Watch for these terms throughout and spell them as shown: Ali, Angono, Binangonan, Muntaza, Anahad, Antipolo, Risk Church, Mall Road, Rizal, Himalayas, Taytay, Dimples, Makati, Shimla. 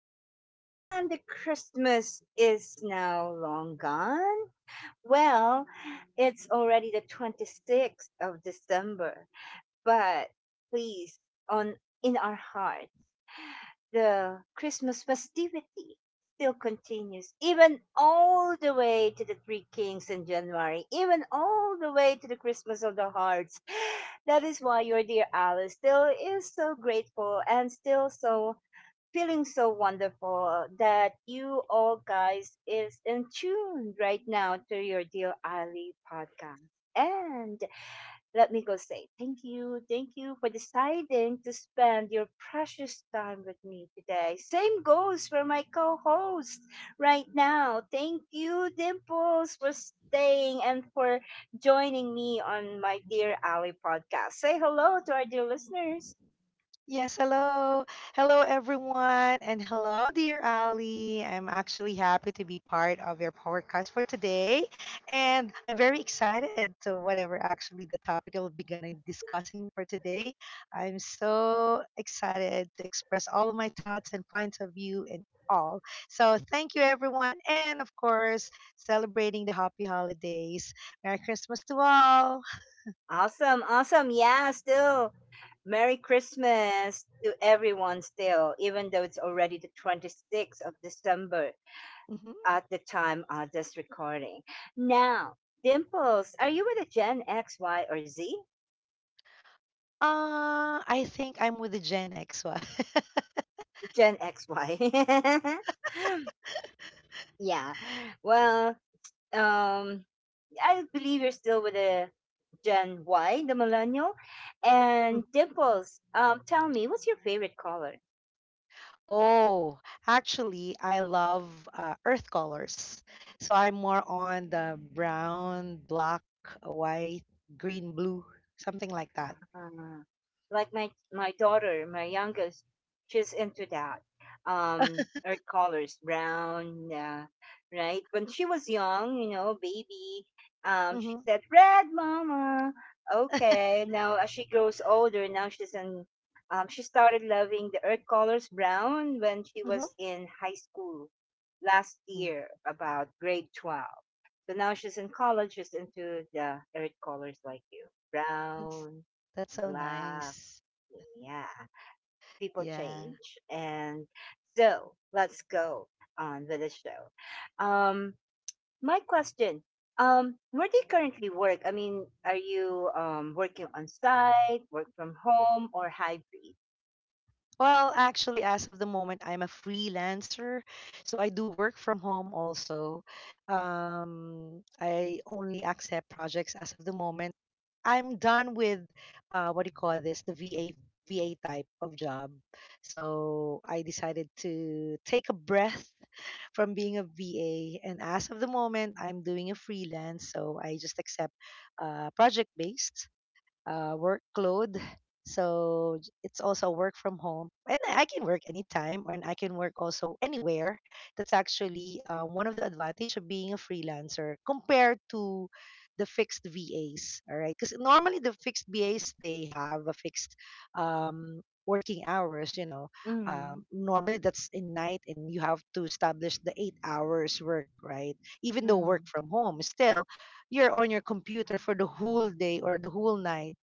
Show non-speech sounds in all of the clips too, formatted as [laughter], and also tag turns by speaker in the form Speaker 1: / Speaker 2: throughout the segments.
Speaker 1: Ali, and Christmas is now long gone. Well, it's already the 26th of December, but please, on in our hearts, the Christmas festivity still continues, even all the way to the Three Kings in January, even all the way to the Christmas of the Hearts. That is why your dear Alice still is so grateful and still so feeling so wonderful that you all guys is in tune right now to your dear Ali podcast. And let me go say thank you for deciding to spend your precious time with me today. Same goes for my co-host right now. Thank you, Dimples, for staying and for joining me on my dear Ali podcast. Say hello to our dear listeners.
Speaker 2: Yes, hello. Hello, everyone. And hello, dear Ali. I'm actually happy to be part of your podcast for today. And I'm very excited to whatever actually the topic that we'll be gonna discussing for today. I'm so excited to express all of my thoughts and points of view and all. So thank you, everyone. And of course, celebrating the happy holidays. Merry Christmas to all.
Speaker 1: Awesome, awesome. Yeah, still. Merry Christmas to everyone still, even though it's already the 26th of December
Speaker 2: hmm
Speaker 1: at the time of this recording. Now, Dimples, are you with a Gen X, Y, or Z?
Speaker 2: I think I'm with the Gen X one. [laughs]
Speaker 1: Gen X, Y. [laughs] Yeah. Well, um, I believe you're still with a Gen Y, the millennial. And
Speaker 2: Mm.
Speaker 1: Dimples, tell me, what's your favorite color?
Speaker 2: Oh, Actually, I love earth colors. So I'm more on the brown, black, white, green, blue, something like that.
Speaker 1: Uh, like my daughter, my youngest, she's into that. Earth colors, brown, right? When she was young, baby, she
Speaker 2: Mm-hmm.
Speaker 1: said red, mama. Okay, now as she grows older, now she's in. She started loving the earth colors brown when she
Speaker 2: Mm-hmm.
Speaker 1: was in high school last year, about grade 12. So now she's in college. She's into the earth colors like you,
Speaker 2: That's
Speaker 1: brown,
Speaker 2: that's so
Speaker 1: black.
Speaker 2: nice.
Speaker 1: Yeah, people
Speaker 2: Yeah.
Speaker 1: change. And so let's go on with the show. Um, my question, where do you currently work? I mean, are you working on site, work from home, or hybrid?
Speaker 2: Well, actually, as of the moment, I'm a freelancer, so I do work from home also. I only accept projects as of the moment. I'm done with what do you call this? The VA type of job. So I decided to take a breath [laughs] from being a VA, and as of the moment, I'm doing a freelance. So I just accept project based work clothes. So it's also work from home, and I can work anytime, and I can work also anywhere. That's actually one of the advantage of being a freelancer compared to the fixed VAs. All right, because normally the fixed VAs they have a fixed um, working hours. You know,
Speaker 1: Mm,
Speaker 2: normally that's in night, and you have to establish the eight hours work. Right, even though work
Speaker 1: mm,
Speaker 2: from home, still you're on your computer for the whole day or the whole night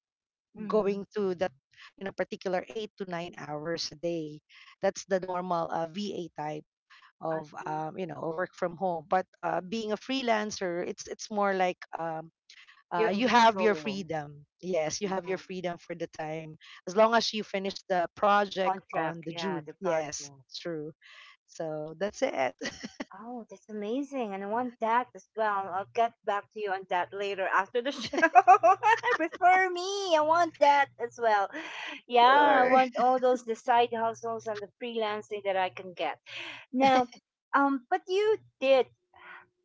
Speaker 1: mm.
Speaker 2: going to that you know particular eight to nine hours a day. That's the normal va type
Speaker 1: I
Speaker 2: of
Speaker 1: see.
Speaker 2: you know work from home. But being a freelancer, it's more like
Speaker 1: You're in
Speaker 2: you have your
Speaker 1: control.
Speaker 2: freedom. Yes, you
Speaker 1: Yeah.
Speaker 2: have your freedom for the time as long as you finish the project on
Speaker 1: Contract,
Speaker 2: the
Speaker 1: yeah,
Speaker 2: June.
Speaker 1: the project.
Speaker 2: Yes, true. So that's it. [laughs]
Speaker 1: Oh, that's amazing. And I want that as well. I'll get back to you on that later after the show. [laughs] Refer me. I want that as well. Yeah, I
Speaker 2: Sure.
Speaker 1: want all those the side hustles and the freelancing that I can get. Now, but you did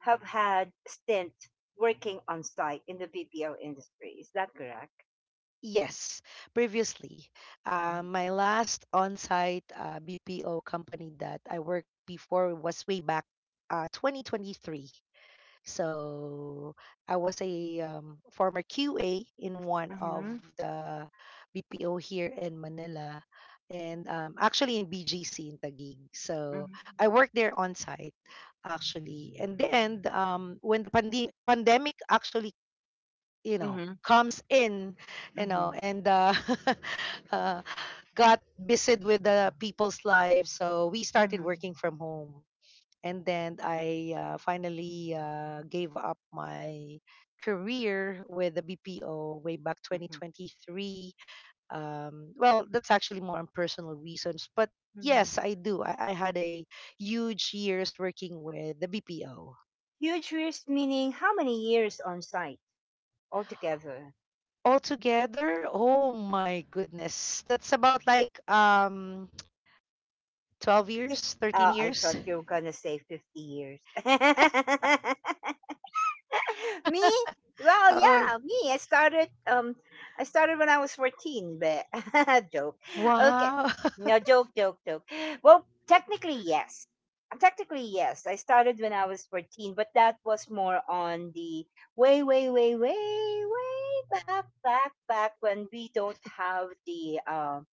Speaker 1: have had stint working on site in the BPO industry. Is that correct?
Speaker 2: Yes, previously, my last on-site BPO company that I worked before was way back 2023. So I was a former QA in one of
Speaker 1: Mm-hmm.
Speaker 2: the BPO here in Manila, and actually in BGC in Taguig. So
Speaker 1: Mm-hmm.
Speaker 2: I worked there on-site actually, and then when the pandemic actually you know
Speaker 1: Mm-hmm.
Speaker 2: comes in, you know,
Speaker 1: Mm-hmm.
Speaker 2: and [laughs] uh, got busy with the people's lives, so we started
Speaker 1: Mm-hmm.
Speaker 2: working from home. And then I finally gave up my career with the bpo way back 2023. Well, that's actually more on personal reasons, but
Speaker 1: Mm-hmm.
Speaker 2: yes, I had a huge years working with the bpo.
Speaker 1: Huge years meaning how many years on site? Altogether.
Speaker 2: Altogether, oh my goodness. That's about like 12
Speaker 1: [laughs] Fif-
Speaker 2: years, 13
Speaker 1: Oh, I
Speaker 2: years.
Speaker 1: thought you were gonna say 50 years.
Speaker 2: [laughs]
Speaker 1: [laughs] Me? Well,
Speaker 2: Oh,
Speaker 1: yeah, me. I started when I was 14, but [laughs] joke. Okay,
Speaker 2: wow.
Speaker 1: no
Speaker 2: [laughs]
Speaker 1: joke, joke, joke. Well, technically, yes. Technically, yes. I started when I was 14, but that was more on the way, way, way, way, way back, back, back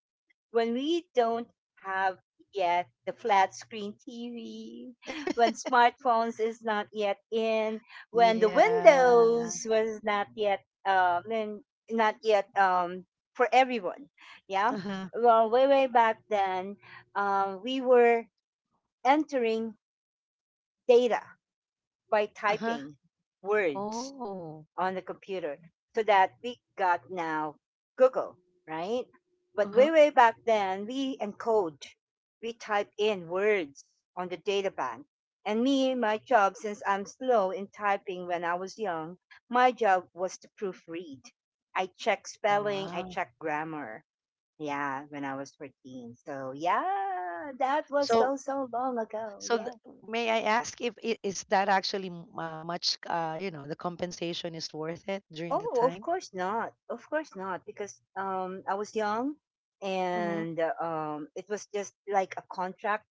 Speaker 1: when we don't have yet the flat screen TV, when smartphones is not yet in, when the
Speaker 2: Yeah.
Speaker 1: Windows was not yet and not yet for everyone. Yeah.
Speaker 2: Uh-huh.
Speaker 1: Well, way way back then, we were entering data by
Speaker 2: Uh-huh.
Speaker 1: typing words
Speaker 2: Oh.
Speaker 1: on the computer so that we got now Google, right? But way,
Speaker 2: Uh-huh.
Speaker 1: way back then, we type in words on the data bank. And my job, since I'm slow in typing when I was young, my job was to proofread. I check spelling, I
Speaker 2: Wow.
Speaker 1: check grammar. Yeah, when I was 14. So, yeah, that was so,
Speaker 2: So
Speaker 1: so long ago.
Speaker 2: so
Speaker 1: Yeah.
Speaker 2: may I ask if is that actually much you know, the compensation is worth it during the
Speaker 1: Oh, of
Speaker 2: time?
Speaker 1: course not. Of course not, because I was young,
Speaker 2: Mm-hmm.
Speaker 1: and it was just like a contract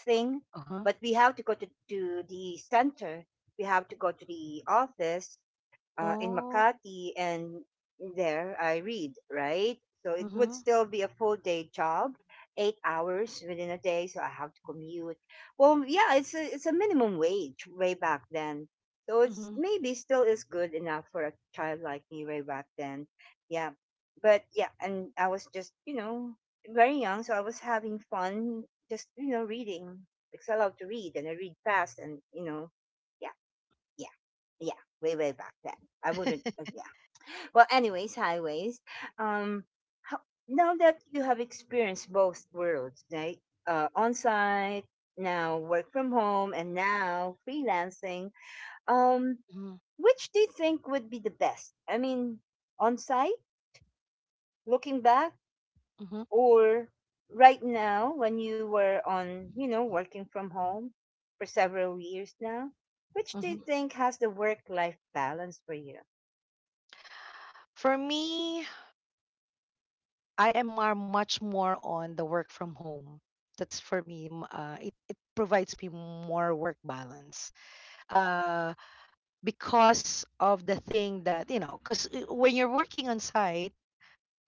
Speaker 1: thing.
Speaker 2: Uh-huh.
Speaker 1: But we have to go to the center. We have to go to the office in
Speaker 2: Oh.
Speaker 1: Makati, and there I read, right? So it would
Speaker 2: Mm-hmm.
Speaker 1: still be a full day job, 8 hours within a day. So I have to commute. Well, yeah, it's a minimum wage way back then. So it's
Speaker 2: Mm-hmm.
Speaker 1: maybe still is good enough for a child like me way back then. Yeah. But yeah, and I was just, very young. So I was having fun just, reading, because I love to read and I read fast and, yeah, yeah yeah, way way back then. I wouldn't. Yeah. Well, anyways, highways. Um, how, now that you have experienced both worlds, right? On site now, work from home, and now freelancing. Um,
Speaker 2: Mm-hmm.
Speaker 1: which do you think would be the best? I mean, on site, looking back, or right now when you were on, working from home for several years now? Which do you
Speaker 2: Mm-hmm.
Speaker 1: think has the work life balance for you?
Speaker 2: For me, I am much more on the work from home. That's for me. It it provides me more work balance uh, because of the thing that, you know, because when you're working on site,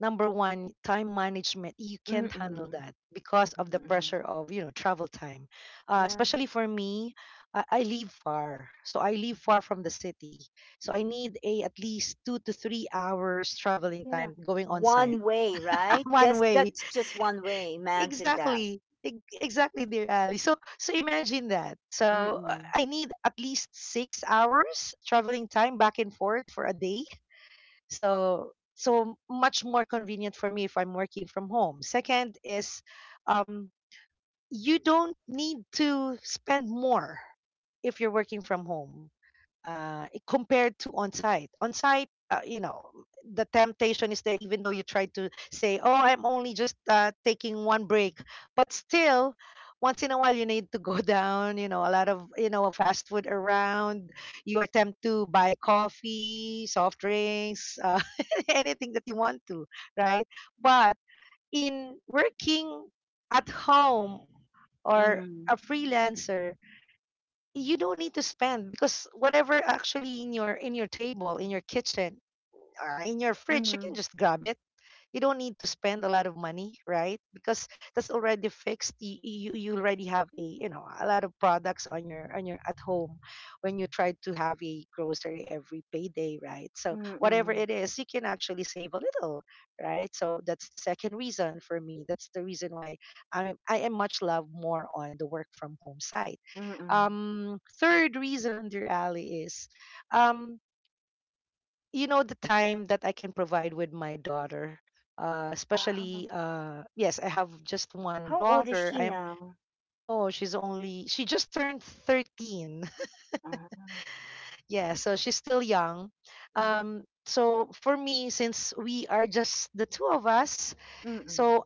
Speaker 2: number one, time management, you can't handle
Speaker 1: Mm-mm.
Speaker 2: that because of the
Speaker 1: Mhm, mhm.
Speaker 2: pressure of, you know, travel time.
Speaker 1: Yeah.
Speaker 2: Especially for me, I live far. So I live
Speaker 1: Mhm.
Speaker 2: far from the city. So I need a at least two to three hours traveling
Speaker 1: Yeah.
Speaker 2: time going on
Speaker 1: One
Speaker 2: site.
Speaker 1: way,
Speaker 2: [laughs]
Speaker 1: right?
Speaker 2: One
Speaker 1: Just
Speaker 2: way.
Speaker 1: that's just one way. Imagine that.
Speaker 2: Exactly. Exactly, dear Ali. So, so imagine that. So,
Speaker 1: Mm-mm.
Speaker 2: I need at least six hours traveling time back and forth for a day. So, so much more convenient for me if I'm working from home. Second is, um, you don't need to spend more if you're working from home compared to on site. On site, you know, the temptation is there, even though you try to say, "Oh, I'm only just taking one break," but still, once in a while, you need to go [laughs] down. You know, a lot of you know fast food around. You attempt to buy coffee, soft drinks, [laughs] anything that you want to, right? But in working at home or
Speaker 1: Mm,
Speaker 2: a freelancer, you don't need to spend because whatever actually in your table, in your kitchen, or in your fridge, you
Speaker 1: mm,
Speaker 2: can just grab it. You don't need to spend a lot of money, right? Because that's already fixed. You already have a you know a lot of products on your at home when you try to have a grocery every payday, right? So whatever
Speaker 1: mm,
Speaker 2: it is, you can actually save a little, right? So that's the second reason for me. That's the reason why I am much love more on the work from home side.
Speaker 1: mm.
Speaker 2: Third reason, dear Ali, is um, you know the time that I can provide with my daughter.
Speaker 1: Ah,
Speaker 2: Especially yes, I have just one
Speaker 1: how old is
Speaker 2: daughter.
Speaker 1: she
Speaker 2: I am,
Speaker 1: now?
Speaker 2: oh, she's only, she just turned 13.
Speaker 1: Ah,
Speaker 2: [laughs] Yeah, so she's still young.
Speaker 1: mm,
Speaker 2: So for me, since we are just the two of us,
Speaker 1: mm-mm,
Speaker 2: so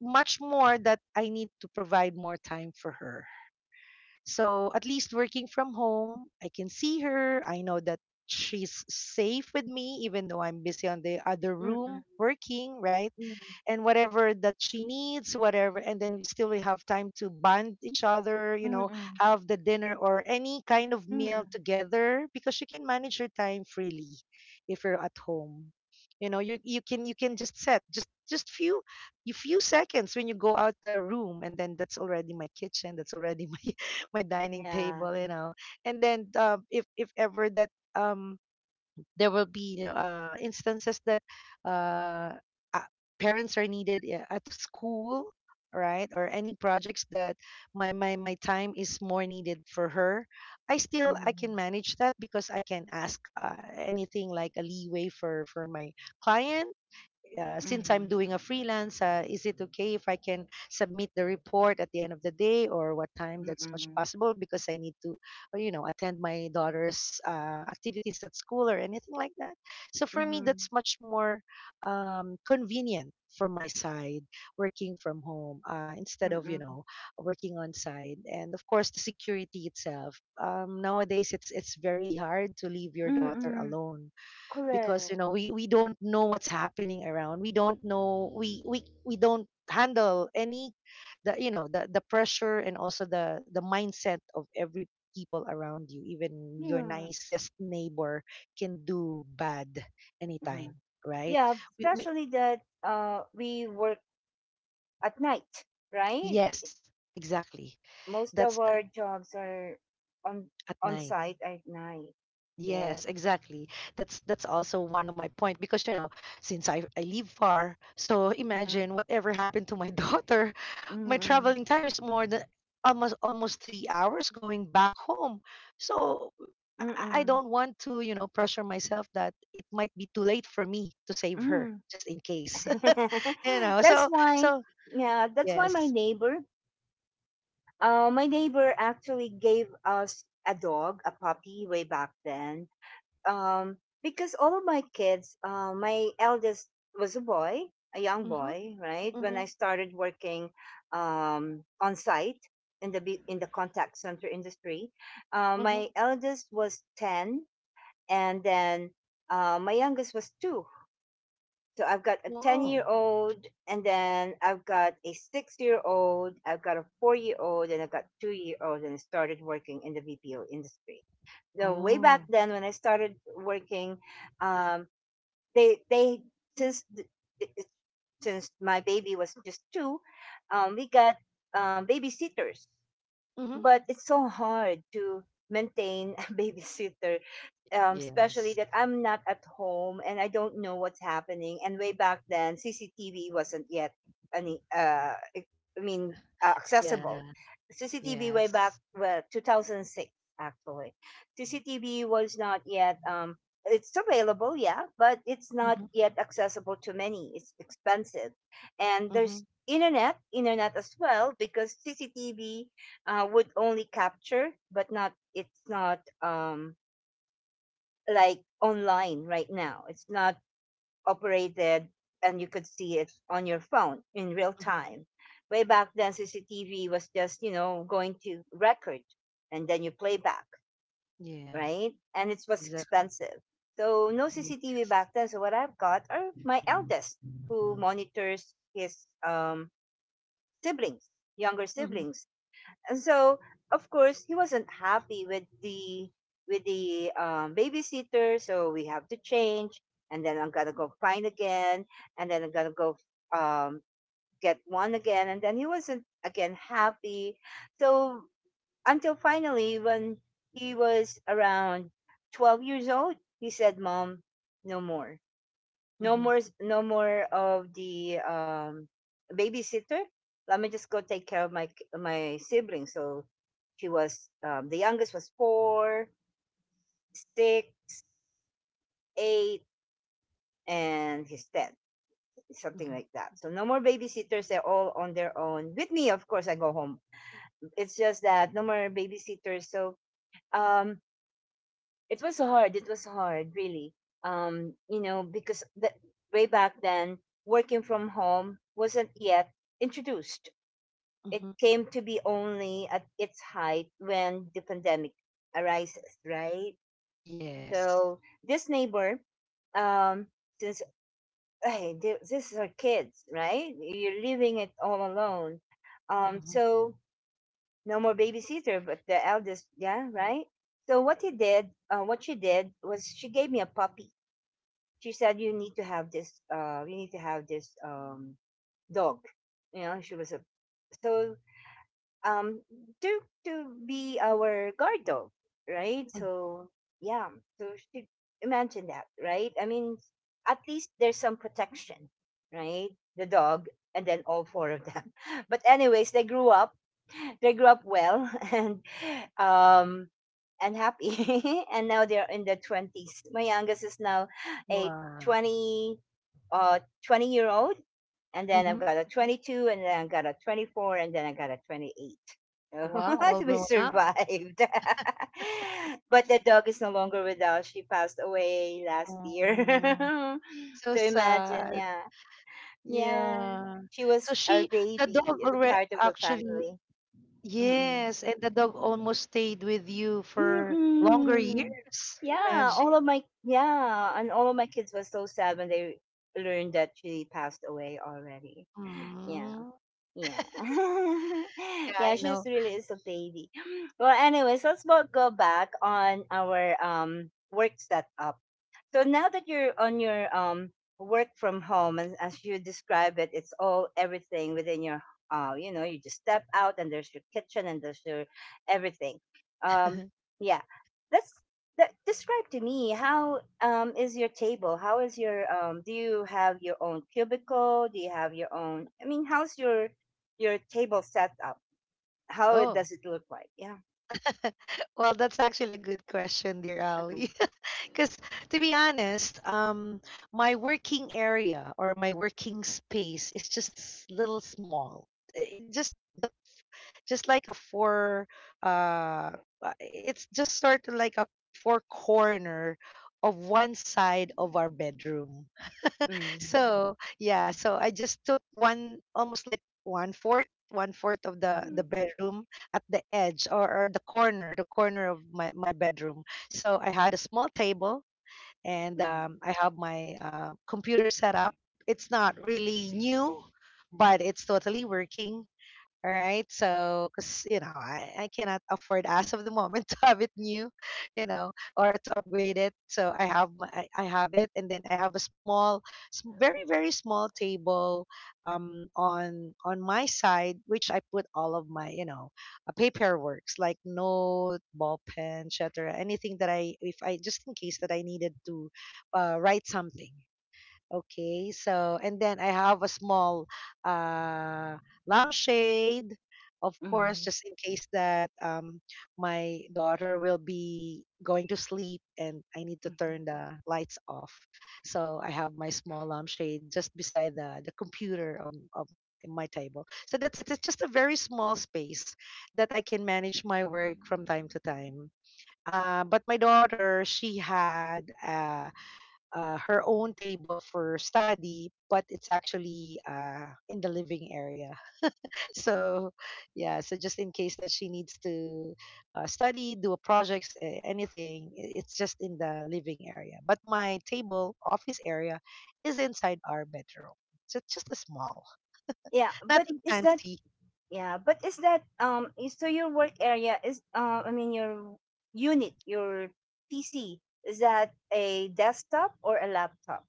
Speaker 2: much more that I need to provide more time for her. So at least working from home, I can see her. I know that she's safe with me, even though I'm busy on the other room
Speaker 1: mm-mm,
Speaker 2: working, right?
Speaker 1: mm-mm,
Speaker 2: And whatever that she needs, whatever. And then we still we have time to bond each other, you know,
Speaker 1: mm-mm,
Speaker 2: have the dinner or any kind of meal
Speaker 1: mm-mm.
Speaker 2: together because she can manage her time freely if you're at home. You know, you can just set just few you few seconds when you go out the room, and then that's already my kitchen, that's already my [laughs] my dining
Speaker 1: Yeah.
Speaker 2: table, you know. And then if if ever that um there will be you know instances that uh, uh, parents are needed at school, right, or any projects that my time is more needed for her, I
Speaker 1: Mm.
Speaker 2: can manage that because I can ask anything like a leeway for my client. Since
Speaker 1: Mm.
Speaker 2: I'm doing a freelance, is it okay if I can submit the report at the end of the day or what time that's much
Speaker 1: Mm-mm.
Speaker 2: possible, because I need to, you know, attend my daughter's activities at school or anything like that. So for me,
Speaker 1: Mm.
Speaker 2: that's much more convenient for my side working from home, instead of, you
Speaker 1: Mm-mm.
Speaker 2: know, working on site. And of course the security itself, nowadays it's very hard to leave your daughter
Speaker 1: Mm-mm.
Speaker 2: alone because you
Speaker 1: Correct.
Speaker 2: know we don't know what's happening around. We don't know, we don't handle any the you know the pressure and also the mindset of every people around you. Even your
Speaker 1: Yeah.
Speaker 2: nicest neighbor can do bad
Speaker 1: Mhm.
Speaker 2: anytime, right?
Speaker 1: Yeah,
Speaker 2: We
Speaker 1: especially that we were at night, right?
Speaker 2: Yes, exactly.
Speaker 1: Most of
Speaker 2: That's the,
Speaker 1: our jobs are on
Speaker 2: at
Speaker 1: on
Speaker 2: night.
Speaker 1: site at night. Yes.
Speaker 2: Yes, exactly. That's also one of my point because you know, since I live far, so
Speaker 1: Mm-hmm.
Speaker 2: imagine whatever happened to my [laughs] daughter, my
Speaker 1: Mm-mm.
Speaker 2: traveling time is more than almost 3 hours going back home. So I I
Speaker 1: Mm-mm.
Speaker 2: don't want to, you know, pressure myself that it might be too late for me to save her
Speaker 1: Mm.
Speaker 2: just in case. [laughs] You
Speaker 1: [laughs]
Speaker 2: know,
Speaker 1: That's
Speaker 2: so
Speaker 1: why,
Speaker 2: so
Speaker 1: yeah, that's why
Speaker 2: yes.
Speaker 1: my neighbor actually gave us a dog, a puppy way back then. um because all of my kids, my eldest was a young
Speaker 2: Mhm.
Speaker 1: boy, right when I
Speaker 2: Mhm.
Speaker 1: started working on site in the contact center industry. My
Speaker 2: Mhm.
Speaker 1: eldest was 10, and then my youngest was 2. So I've got a 10-year
Speaker 2: Oh.
Speaker 1: old, and then I've got a 6-year old, I've got a 4-year old, and I've got 2-year old, and I started working in the VPO industry the way back
Speaker 2: Oh.
Speaker 1: then. When I started working, um, they since th- th- since my baby was just 2, we got babysitters.
Speaker 2: Mhm.
Speaker 1: But it's so hard to maintain a [laughs] babysitter, especially
Speaker 2: Yes.
Speaker 1: that I'm not at home and I don't know what's happening. And way back then, CCTV wasn't yet any I mean accessible
Speaker 2: Yeah.
Speaker 1: CCTV way back,
Speaker 2: Yes.
Speaker 1: well, 2006 actually. CCTV was not yet, it's available, yeah, but it's not yet accessible to many, it's expensive. And
Speaker 2: Mm-hmm.
Speaker 1: there's internet as well, because CCTV would only capture, but not it's not like online right now. It's not operated, and you could see it on your phone in real
Speaker 2: Mm-hmm.
Speaker 1: time. Way back then, CCTV was just going to record, and then you play back,
Speaker 2: Yeah,
Speaker 1: right? And it was
Speaker 2: exactly.
Speaker 1: expensive, so no CCTV back
Speaker 2: Yes.
Speaker 1: then. So what I've got are my
Speaker 2: Mm-hmm.
Speaker 1: eldest, who monitors his siblings, younger
Speaker 2: Mm-hmm.
Speaker 1: siblings. And so, of course, he wasn't happy with the with the babysitter, so we have to change. And then I'm gonna go find again, and then I'm gonna go um, get one again. And then he wasn't again happy. So until finally, when he was around 12 years old, he said, "Mom, no more." No
Speaker 2: Mm-hmm.
Speaker 1: more, no more of the babysitter. Let me just go take care of my siblings. So she was the youngest was 4, 6, 8, and he's 10, something like that. So no more babysitters. They're all on their own. With me, of course, I go home. It's just that no more babysitters. So um, it was hard. It was hard, really. Because way back then, working from home wasn't yet introduced. It
Speaker 2: Mm-hmm.
Speaker 1: came to be only at its height when the pandemic arises, right?
Speaker 2: Yes.
Speaker 1: So this neighbor, um, since, hey, this is her kids, right? You're leaving it all alone. Um,
Speaker 2: Mm-hmm.
Speaker 1: so no more babysitter, but the eldest, yeah, right. So what she did was, she gave me a puppy. She said, you need to have this, dog. She was a, so, um to to be our guard dog, right? So, yeah. So she, imagine that, right? I mean, at least there's some protection, right, the dog, and then all four of them. [laughs] But anyways, they grew up well. [laughs] Um and happy. [laughs] And now they're in their 20s. My youngest is now a
Speaker 2: Wow.
Speaker 1: 20 uh 20 year old, and then I've got
Speaker 2: Mm-hmm.
Speaker 1: a 22, and then I've got a 24, and then I got a 28. [laughs]
Speaker 2: Wow,
Speaker 1: So we
Speaker 2: all grown up.
Speaker 1: survived. [laughs] But the dog is no longer with us. She passed away last year.
Speaker 2: Um,
Speaker 1: [laughs] So
Speaker 2: so
Speaker 1: imagine,
Speaker 2: sad.
Speaker 1: yeah. Yeah.
Speaker 2: Yeah.
Speaker 1: She
Speaker 2: So
Speaker 1: was our
Speaker 2: she, the dog
Speaker 1: baby, the
Speaker 2: already
Speaker 1: part of the
Speaker 2: actually,
Speaker 1: family. Mm-mm.
Speaker 2: yes, and the dog almost stayed with you for longer
Speaker 1: Mm-mm.
Speaker 2: years.
Speaker 1: Yeah,
Speaker 2: Imagine.
Speaker 1: yeah, and all of my kids were so sad when they learned that she passed away already. Yeah.
Speaker 2: Mm.
Speaker 1: Yeah.
Speaker 2: Yeah,
Speaker 1: [laughs]
Speaker 2: I
Speaker 1: Yeah,
Speaker 2: know.
Speaker 1: she's really is a baby. Well, anyways, let's both go back on our work setup. So now that you're on your work from home, and as you describe it, it's all everything within your you just step out and there's your kitchen and there's your everything. Um
Speaker 2: [laughs]
Speaker 1: yeah. Let's describe to me, how, is your table? How is your do you have your own cubicle? Do you have your own, I mean, how's your table set up?
Speaker 2: Oh,
Speaker 1: Does it look like? Yeah.
Speaker 2: well, that's actually a good question, dear
Speaker 1: Uh-huh.
Speaker 2: Ali. Because to be honest, my working area or my working space is just little small. It just the, just like a four. Uh, it's just sort of like a four corner of one side of our bedroom.
Speaker 1: Mm-hmm.
Speaker 2: So yeah, so I just took one almost like one fourth of the
Speaker 1: Mm-hmm.
Speaker 2: bedroom at the edge, or the corner of my my bedroom. So I had a small table and I have my computer set up. It's not really new, but it's totally working. All right. So, because, you know, I cannot afford as of the moment [laughs] to have it new, you know, or to upgrade it. So I have my, I have it. And then I have a small, very, very small table on my side, which I put all of my, you know, paperworks like note, ball pen, etc. Anything that I, if I, just in case that I needed to write something. Okay, so and then I have a small uh lampshade, of
Speaker 1: Mm-hmm.
Speaker 2: course, just in case that my daughter will be going to sleep and I need to
Speaker 1: Mm-hmm.
Speaker 2: turn the lights off. So I have my small lampshade just beside the computer of my table. So that's it. It's just a very small space that I can manage my work from time to time. But my daughter, she had a her own table for study, but it's actually in the living area. [laughs] So, yeah, so just in case that she needs to study, do a projects, anything, it's just in the living area. But my table, office area, is inside our bedroom. So it's just a small,
Speaker 1: Yeah, but
Speaker 2: nothing
Speaker 1: is that
Speaker 2: fancy.
Speaker 1: Yeah, but is that is so your work area is I mean your unit, your PC, is that a desktop or a laptop?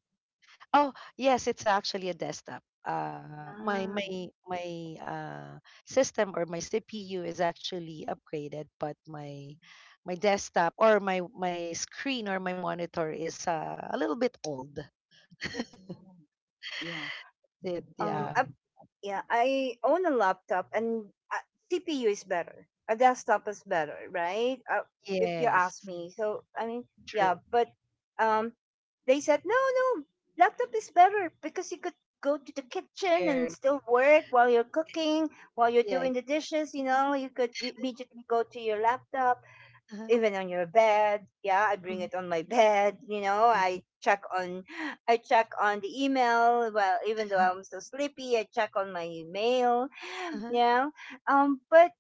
Speaker 2: Oh, yes, it's actually a desktop. Uh, my
Speaker 1: Ah,
Speaker 2: my my uh, system or my CPU is actually upgraded, but my desktop or my screen or my monitor is a little bit old. [laughs]
Speaker 1: mhm, yeah.
Speaker 2: It,
Speaker 1: Um,
Speaker 2: yeah.
Speaker 1: I, yeah, I own a laptop, and uh, CPU is better. A desktop is better, right? If you
Speaker 2: Yes.
Speaker 1: ask me. So I mean, yeah,
Speaker 2: True.
Speaker 1: but um, they said no, no, laptop is better because you could go to the kitchen and
Speaker 2: Carry.
Speaker 1: still work while you're cooking, while you're
Speaker 2: Yeah.
Speaker 1: doing the dishes. You know, you could immediately go to your laptop
Speaker 2: Uh-huh.
Speaker 1: even on your bed. Yeah, I bring
Speaker 2: Mhm.
Speaker 1: it on my bed. You know,
Speaker 2: y-
Speaker 1: [gasps] I check on the email. Well, even though I'm so sleepy, I check on my mail.
Speaker 2: Uh-huh.
Speaker 1: Yeah, but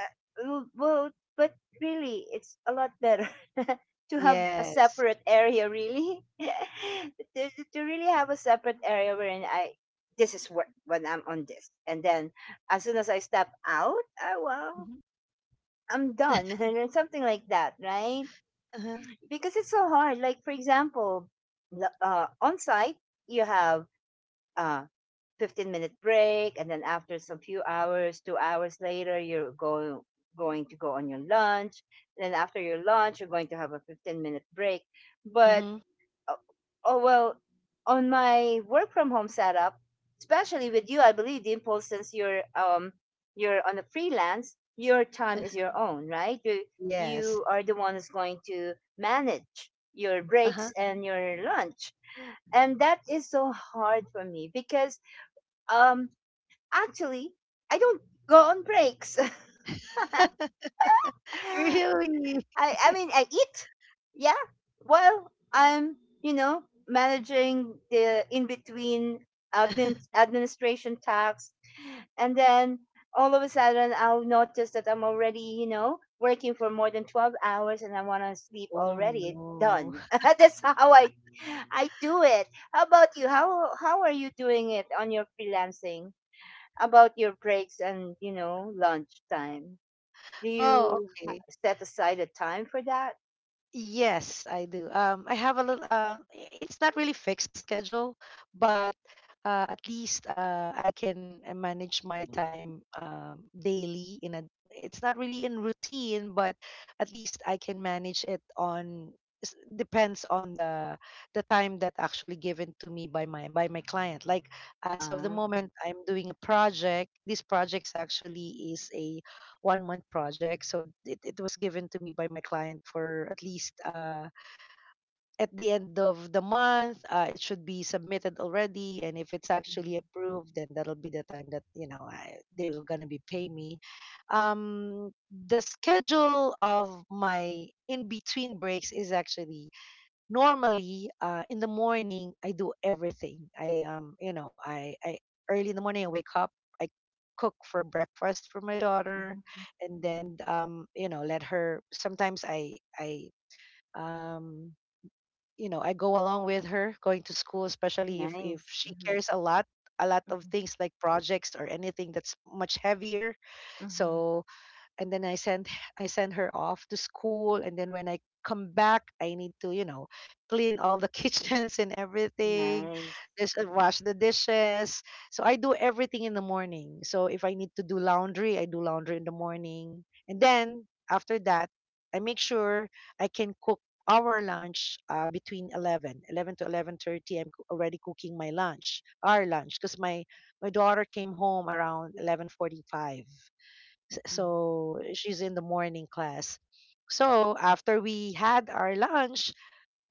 Speaker 1: uh, w- well, but really, it's a lot better [laughs] to have a
Speaker 2: Yes.
Speaker 1: separate area. Really, [laughs] to really have a separate area wherein I. This is what when I'm on this, and then as soon as I step out, well,
Speaker 2: Hmm.
Speaker 1: I'm done, [laughs] and something like that, right?
Speaker 2: Uh-huh.
Speaker 1: Because it's so hard. Like for example, on site you have uh 15-minute break, and then after some few hours, 2 hours later, you're going going to go on your lunch. Then after your lunch, you're going to have a 15-minute break.
Speaker 2: Hmm.
Speaker 1: But Oh, oh, well, on my work from home setup, especially with you, I believe Dimple, since you're on a freelance, your time is your own, right?
Speaker 2: Yes.
Speaker 1: You are the one who's going to manage your
Speaker 2: Uh-huh.
Speaker 1: breaks and your lunch, and that is so hard for me because um actually I don't go on breaks.
Speaker 2: [laughs]
Speaker 1: [laughs]
Speaker 2: Really?
Speaker 1: I mean I eat. Yeah. Well, I'm, you know, managing the in between administration tasks, and then all of a sudden I'll notice that I'm already, you know, working for more than 12 hours, and I want to sleep
Speaker 2: Oh
Speaker 1: already. It's
Speaker 2: no.
Speaker 1: done. [laughs] That's how I do it. How about you? How are you doing it on your freelancing? About your breaks and, you know, lunch time? Do
Speaker 2: Oh,
Speaker 1: you
Speaker 2: okay.
Speaker 1: set aside a time for that?
Speaker 2: Yes, I do. I have a little. It's not really fixed schedule, but at least I can manage my time daily. In a, it's not really in routine, but at least I can manage it on. Depends on the time that actually given to me by my client. Like as of the
Speaker 1: Ah.
Speaker 2: moment, I'm doing a project. This project actually is a 1 month project. So it was given to me by my client for at least at the end of the month. It should be submitted already. And if it's
Speaker 1: Mhm,
Speaker 2: actually approved, then that'll be the time that, you know, I, they were going to be paying me. Um, the schedule of my in between breaks is actually normally in the morning I do everything I early in the morning I wake up I cook for breakfast for my daughter
Speaker 1: mhm.
Speaker 2: and then you know let her sometimes I um you know I go along with her going to school especially if
Speaker 1: Nice.
Speaker 2: she
Speaker 1: Mhm,
Speaker 2: cares a lot of
Speaker 1: mhm,
Speaker 2: things like projects or anything that's much heavier
Speaker 1: mhm.
Speaker 2: so and then I send her off to school and then when I come back I need to, you know, clean all the [laughs] kitchens and everything.
Speaker 1: Nice.
Speaker 2: Just wash the dishes so I do everything in the morning so if I need to do laundry I do laundry in the morning and then after that I make sure I can cook our lunch between 11 to 11:30. I'm already cooking my lunch our lunch because my daughter came home around 11:45 kids,
Speaker 1: Mhm.
Speaker 2: so she's in the morning class. So after we had our lunch,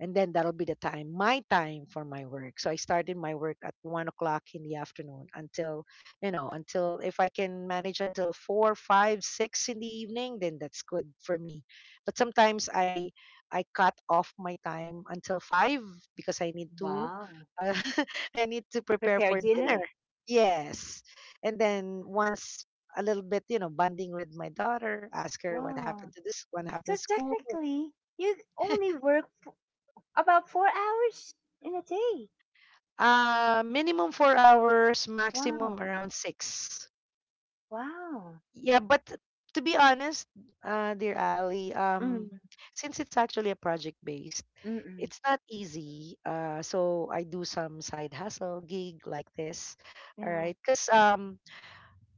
Speaker 2: and then that'll be the time my time for my work so I started my work at 1 o'clock in the afternoon until you know until if I can manage until 4, 5, 6 in the evening then that's good for me but sometimes I cut off my time until five because I need to
Speaker 1: Wow.
Speaker 2: uh, [laughs] I need to prepare
Speaker 1: Prepare
Speaker 2: for
Speaker 1: dinner?
Speaker 2: dinner yes and then once a little bit you know bonding with my daughter ask her what
Speaker 1: Wow.
Speaker 2: happened to this what
Speaker 1: So
Speaker 2: happened to school.
Speaker 1: technically, you only work about 4 hours in a day.
Speaker 2: Minimum 4 hours,
Speaker 1: Wow.
Speaker 2: maximum around 6.
Speaker 1: Wow.
Speaker 2: Yeah, but to be honest, dear Ali,
Speaker 1: Mm.
Speaker 2: since it's actually a project based,
Speaker 1: Mm-mm.
Speaker 2: it's not easy. So I do some side hustle gig like this. All
Speaker 1: Yeah.
Speaker 2: right, because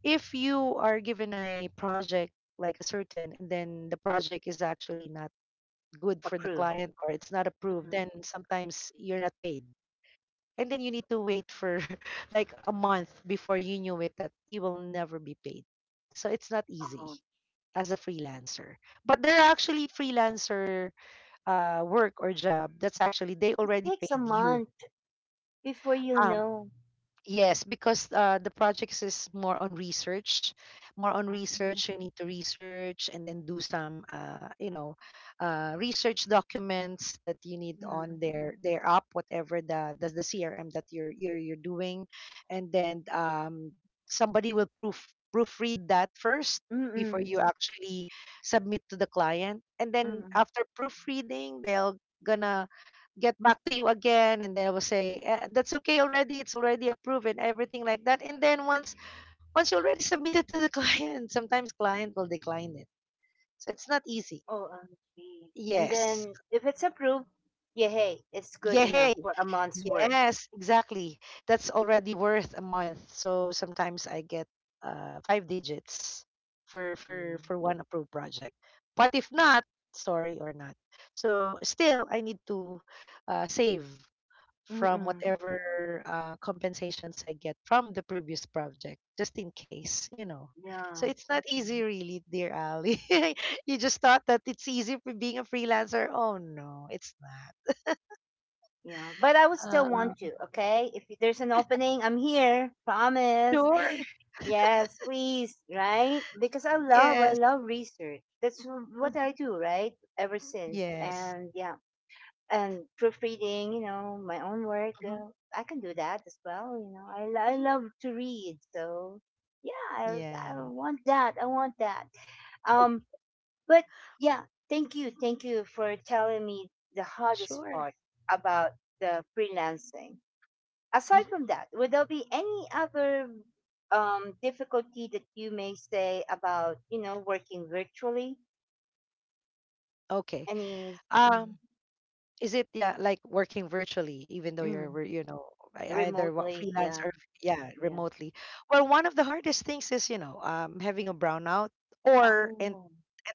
Speaker 2: if you are given a project like a certain, and then the project is actually not good for the
Speaker 1: Approved.
Speaker 2: client or it's not
Speaker 1: Mhm.
Speaker 2: approved, then sometimes you're not paid and then you need to wait for [laughs] like a month before you knew it that you will never be paid. So it's not
Speaker 1: Oh,
Speaker 2: easy as a freelancer. But there are actually freelancer work or job that's actually they
Speaker 1: it
Speaker 2: already
Speaker 1: takes a
Speaker 2: paid
Speaker 1: month
Speaker 2: you.
Speaker 1: before you
Speaker 2: um,
Speaker 1: know.
Speaker 2: Yes, because the projects is more on research, more on
Speaker 1: Mm-mm.
Speaker 2: research. You need to research and then do some, research documents that you need
Speaker 1: Mm-mm.
Speaker 2: on their app, whatever the CRM that you're doing, and then somebody will proofread that first before
Speaker 1: Mm-mm.
Speaker 2: you actually submit to the client, and then
Speaker 1: Mm.
Speaker 2: after proofreading, they'll gonna get back to you again and they will say "Eh, that's okay already it's already approved and everything like that and then once you already [laughs] submitted to the [laughs] client sometimes client will decline it so it's not easy
Speaker 1: OMG. And
Speaker 2: yes
Speaker 1: then if it's approved, yeah, hey, it's good
Speaker 2: yay
Speaker 1: enough for a month's work.
Speaker 2: yes exactly that's already worth a month so sometimes I get five digits for for
Speaker 1: Mm.
Speaker 2: for one approved project but if not sorry or not so still I need to save from
Speaker 1: Mm-mm.
Speaker 2: whatever compensations I get from the previous project, just in case, you know. So
Speaker 1: Yeah,
Speaker 2: it's not easy, really, dear Ali. [laughs] You just thought that it's easy for being a freelancer. Oh, no, it's
Speaker 1: yeah. But I would still
Speaker 2: not.
Speaker 1: want to, okay? If there's an opening, I'm here. Promise. [gasps] [laughs]
Speaker 2: Sure.
Speaker 1: Yes, please, right? Because I
Speaker 2: Yes.
Speaker 1: love research. That's what
Speaker 2: Mhm.
Speaker 1: I do, right? Ever since.
Speaker 2: Yes.
Speaker 1: And yeah. And proofreading, you know, my own work.
Speaker 2: Mhm.
Speaker 1: I can do that as well. You know, I
Speaker 2: Mhm.
Speaker 1: love to read, so yeah, I
Speaker 2: Yeah.
Speaker 1: want that. I want that. Um, but yeah, thank you for telling me the hardest
Speaker 2: Sure.
Speaker 1: part about the freelancing. Aside
Speaker 2: Hmm.
Speaker 1: from that, would there be any other difficulty that you may say about, you know, working virtually?
Speaker 2: Okay.
Speaker 1: Any mm,
Speaker 2: Um. Is it, yeah, like working virtually, even though you're
Speaker 1: mm,
Speaker 2: you know either what
Speaker 1: remotely?
Speaker 2: freelance
Speaker 1: Yeah,
Speaker 2: or yeah
Speaker 1: yeah.
Speaker 2: remotely? Well, one of the hardest things is you know having a brownout or
Speaker 1: Oh,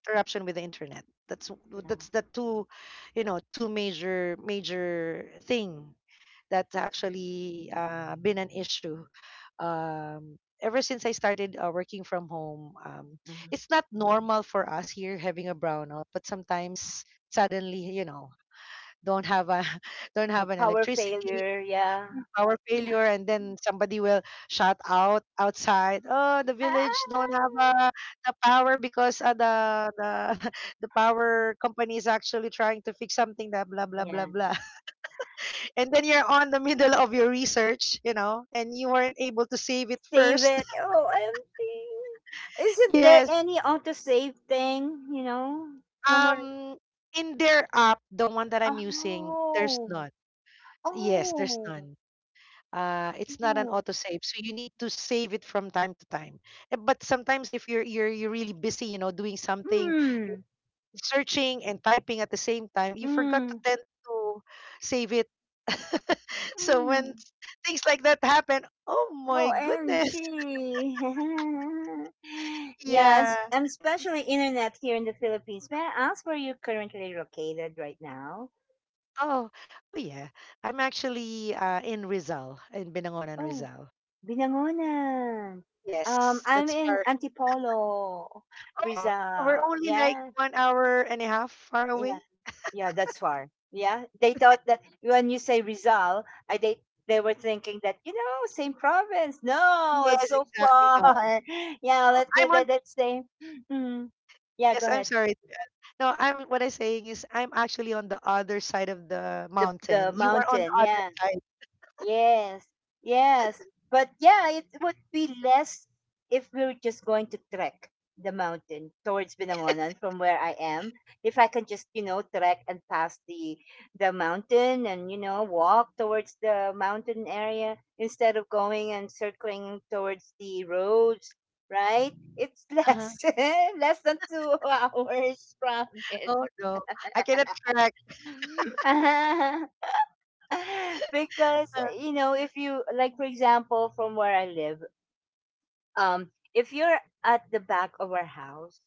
Speaker 2: interruption with the internet. That's
Speaker 1: yeah.
Speaker 2: that's the two, you know, two major thing that's actually been an issue. Ever since I started working from home,
Speaker 1: Mhm.
Speaker 2: it's not normal for us here having a brownout, but sometimes suddenly, you know, don't have a [laughs] don't
Speaker 1: Her
Speaker 2: have an
Speaker 1: power
Speaker 2: electricity
Speaker 1: failure, yeah.
Speaker 2: power failure and then somebody will shout out outside oh the village don't have
Speaker 1: Ah,
Speaker 2: the power because the [laughs] the power company is actually trying to fix something that blah blah blah
Speaker 1: yeah.
Speaker 2: blah [laughs] and then you're on the middle of your research you know and you weren't able to save it
Speaker 1: Save
Speaker 2: first.
Speaker 1: it. OMG.
Speaker 2: [laughs]
Speaker 1: Isn't there
Speaker 2: Yes.
Speaker 1: any auto save thing, you know? Somewhere.
Speaker 2: um in their app, the one that I'm using, there's
Speaker 1: Oh,
Speaker 2: none. Yes, there's
Speaker 1: oh,
Speaker 2: none. It's not an
Speaker 1: oh.
Speaker 2: autosave so you need to save it from time to time. Eh, but sometimes if you're really busy you know doing something,
Speaker 1: Mm,
Speaker 2: searching and typing at the same time, you forgot to
Speaker 1: mm,
Speaker 2: tend to save it. [laughs] So
Speaker 1: mm.
Speaker 2: things like that happen, oh my goodness.
Speaker 1: OMG.
Speaker 2: [laughs]
Speaker 1: [laughs] Yeah,
Speaker 2: Yeah.
Speaker 1: and especially internet here in the Philippines. May I ask where you're currently located right now?
Speaker 2: Oh. Oh yeah, I'm actually in rizal, in binangonan
Speaker 1: Oh.
Speaker 2: rizal.
Speaker 1: Binangonan.
Speaker 2: Yes,
Speaker 1: I'm
Speaker 2: that's
Speaker 1: in
Speaker 2: far.
Speaker 1: Antipolo,
Speaker 2: Oh, we're
Speaker 1: Rizal.
Speaker 2: only like
Speaker 1: Yeah,
Speaker 2: 1 hour and a half far away.
Speaker 1: yeah, yeah. That's far. Yeah, they thought that when you say Rizal, I they were thinking that, you know, same province. No,
Speaker 2: Yes,
Speaker 1: it's so
Speaker 2: exactly.
Speaker 1: far.
Speaker 2: No,
Speaker 1: [laughs] Yeah,
Speaker 2: I'm on.
Speaker 1: let's say. Mm, yeah, go
Speaker 2: Yes, I'm
Speaker 1: ahead.
Speaker 2: sorry. No, I'm what I'm saying is I'm actually on the other side of the
Speaker 1: The
Speaker 2: mountain. You are on the
Speaker 1: mountain.
Speaker 2: other
Speaker 1: Yeah.
Speaker 2: side.
Speaker 1: Yes, yes. But yeah, it would be less if we're just going to trek the mountain towards Binangonan from where I am. If I can just, you know, trek and pass the mountain and, you know, walk towards the mountain area instead of going and circling towards the roads, right? It's
Speaker 2: Uh-huh.
Speaker 1: less [laughs] less than 2 hours, promise.
Speaker 2: Oh no, I cannot track.
Speaker 1: [laughs] [laughs] Because
Speaker 2: Uh,
Speaker 1: you know, if you like, for example, from where I live if you're at the back of our house,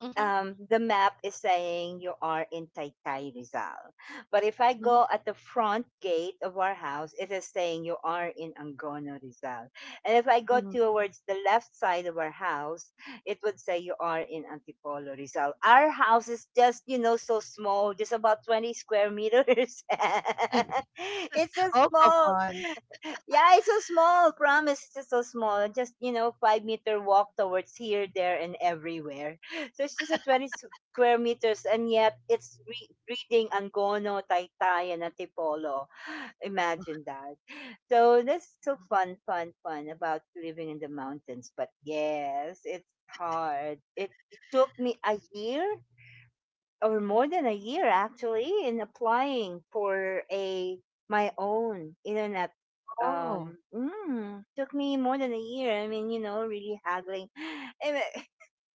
Speaker 2: mhm,
Speaker 1: the map is saying you are in Taytay, Rizal. But if I
Speaker 2: mhm,
Speaker 1: go at the front gate of our house, it is saying you are in Angono, Rizal. And if I go
Speaker 2: mhm.
Speaker 1: towards the left side of our house, it would say you are in Antipolo, Rizal. Our house is just, you know, so small, just about 20 square meters. [laughs] It's so
Speaker 2: Oh come
Speaker 1: small.
Speaker 2: on.
Speaker 1: Yeah, it's so small. Promise, it's just so small. Just, you know, 5 meter walk towards here, there, and everywhere, so it's just a 20 square meters, and yet it's reading Angono, Taytay, and Antipolo. [gasps] [sighs] Imagine that. So that's so fun, fun, fun about living in the mountains. But yes, it's hard. It took me a year or more than a year actually in applying for a my own internet
Speaker 2: Oh,
Speaker 1: took me more than a year, I mean, you know, really haggling. [sighs] Anyway,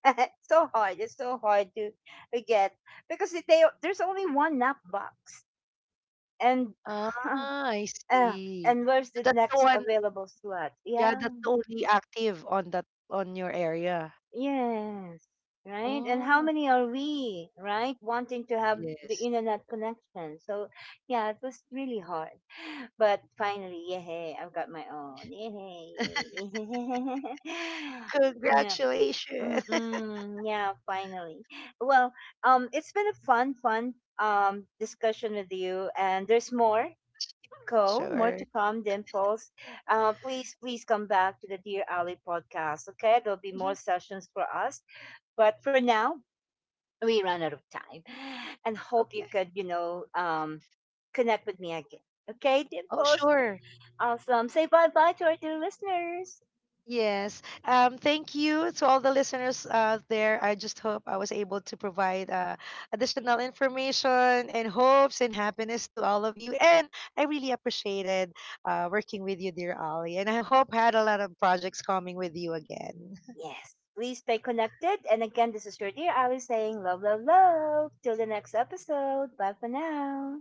Speaker 1: [laughs] so hard. It's so hard to get because they there's only one nap box, and
Speaker 2: ah,
Speaker 1: [sighs]
Speaker 2: I
Speaker 1: [laughs] uh,
Speaker 2: see.
Speaker 1: and where's
Speaker 2: So
Speaker 1: the
Speaker 2: that's the
Speaker 1: next
Speaker 2: one.
Speaker 1: available slot?
Speaker 2: Yeah,
Speaker 1: Yeah,
Speaker 2: that's the only active on that on your area.
Speaker 1: yes, right. And how
Speaker 2: Oh
Speaker 1: many are we wanting to have the
Speaker 2: yes.
Speaker 1: internet connection? So yeah, it was really hard, but finally, yeah, I've got my own. Yay! [laughs]
Speaker 2: Congratulations. [laughs]
Speaker 1: Mm-mm, yeah, finally. Well, it's been a fun, fun discussion with you, and there's more to go, more to
Speaker 2: Sure.
Speaker 1: come. The impulse. Please come back to the Dear Ali podcast. Okay, there'll be more
Speaker 2: Mhm.
Speaker 1: sessions for us, but for now, we ran out of time, and hope you
Speaker 2: Okay.
Speaker 1: could, you know, connect with me again. Okay, the
Speaker 2: Oh
Speaker 1: impulse.
Speaker 2: sure.
Speaker 1: Awesome. Say bye bye to our dear listeners.
Speaker 2: Yes. Thank you to all the listeners out there. I just hope I was able to provide additional information and hopes and happiness to all of you. And I really appreciated working with you, dear Ali. And I hope I had a lot of projects coming with you again.
Speaker 1: Yes. Please stay connected. And again, this is your dear Ali saying love, love, love. Till the next episode. Bye for now.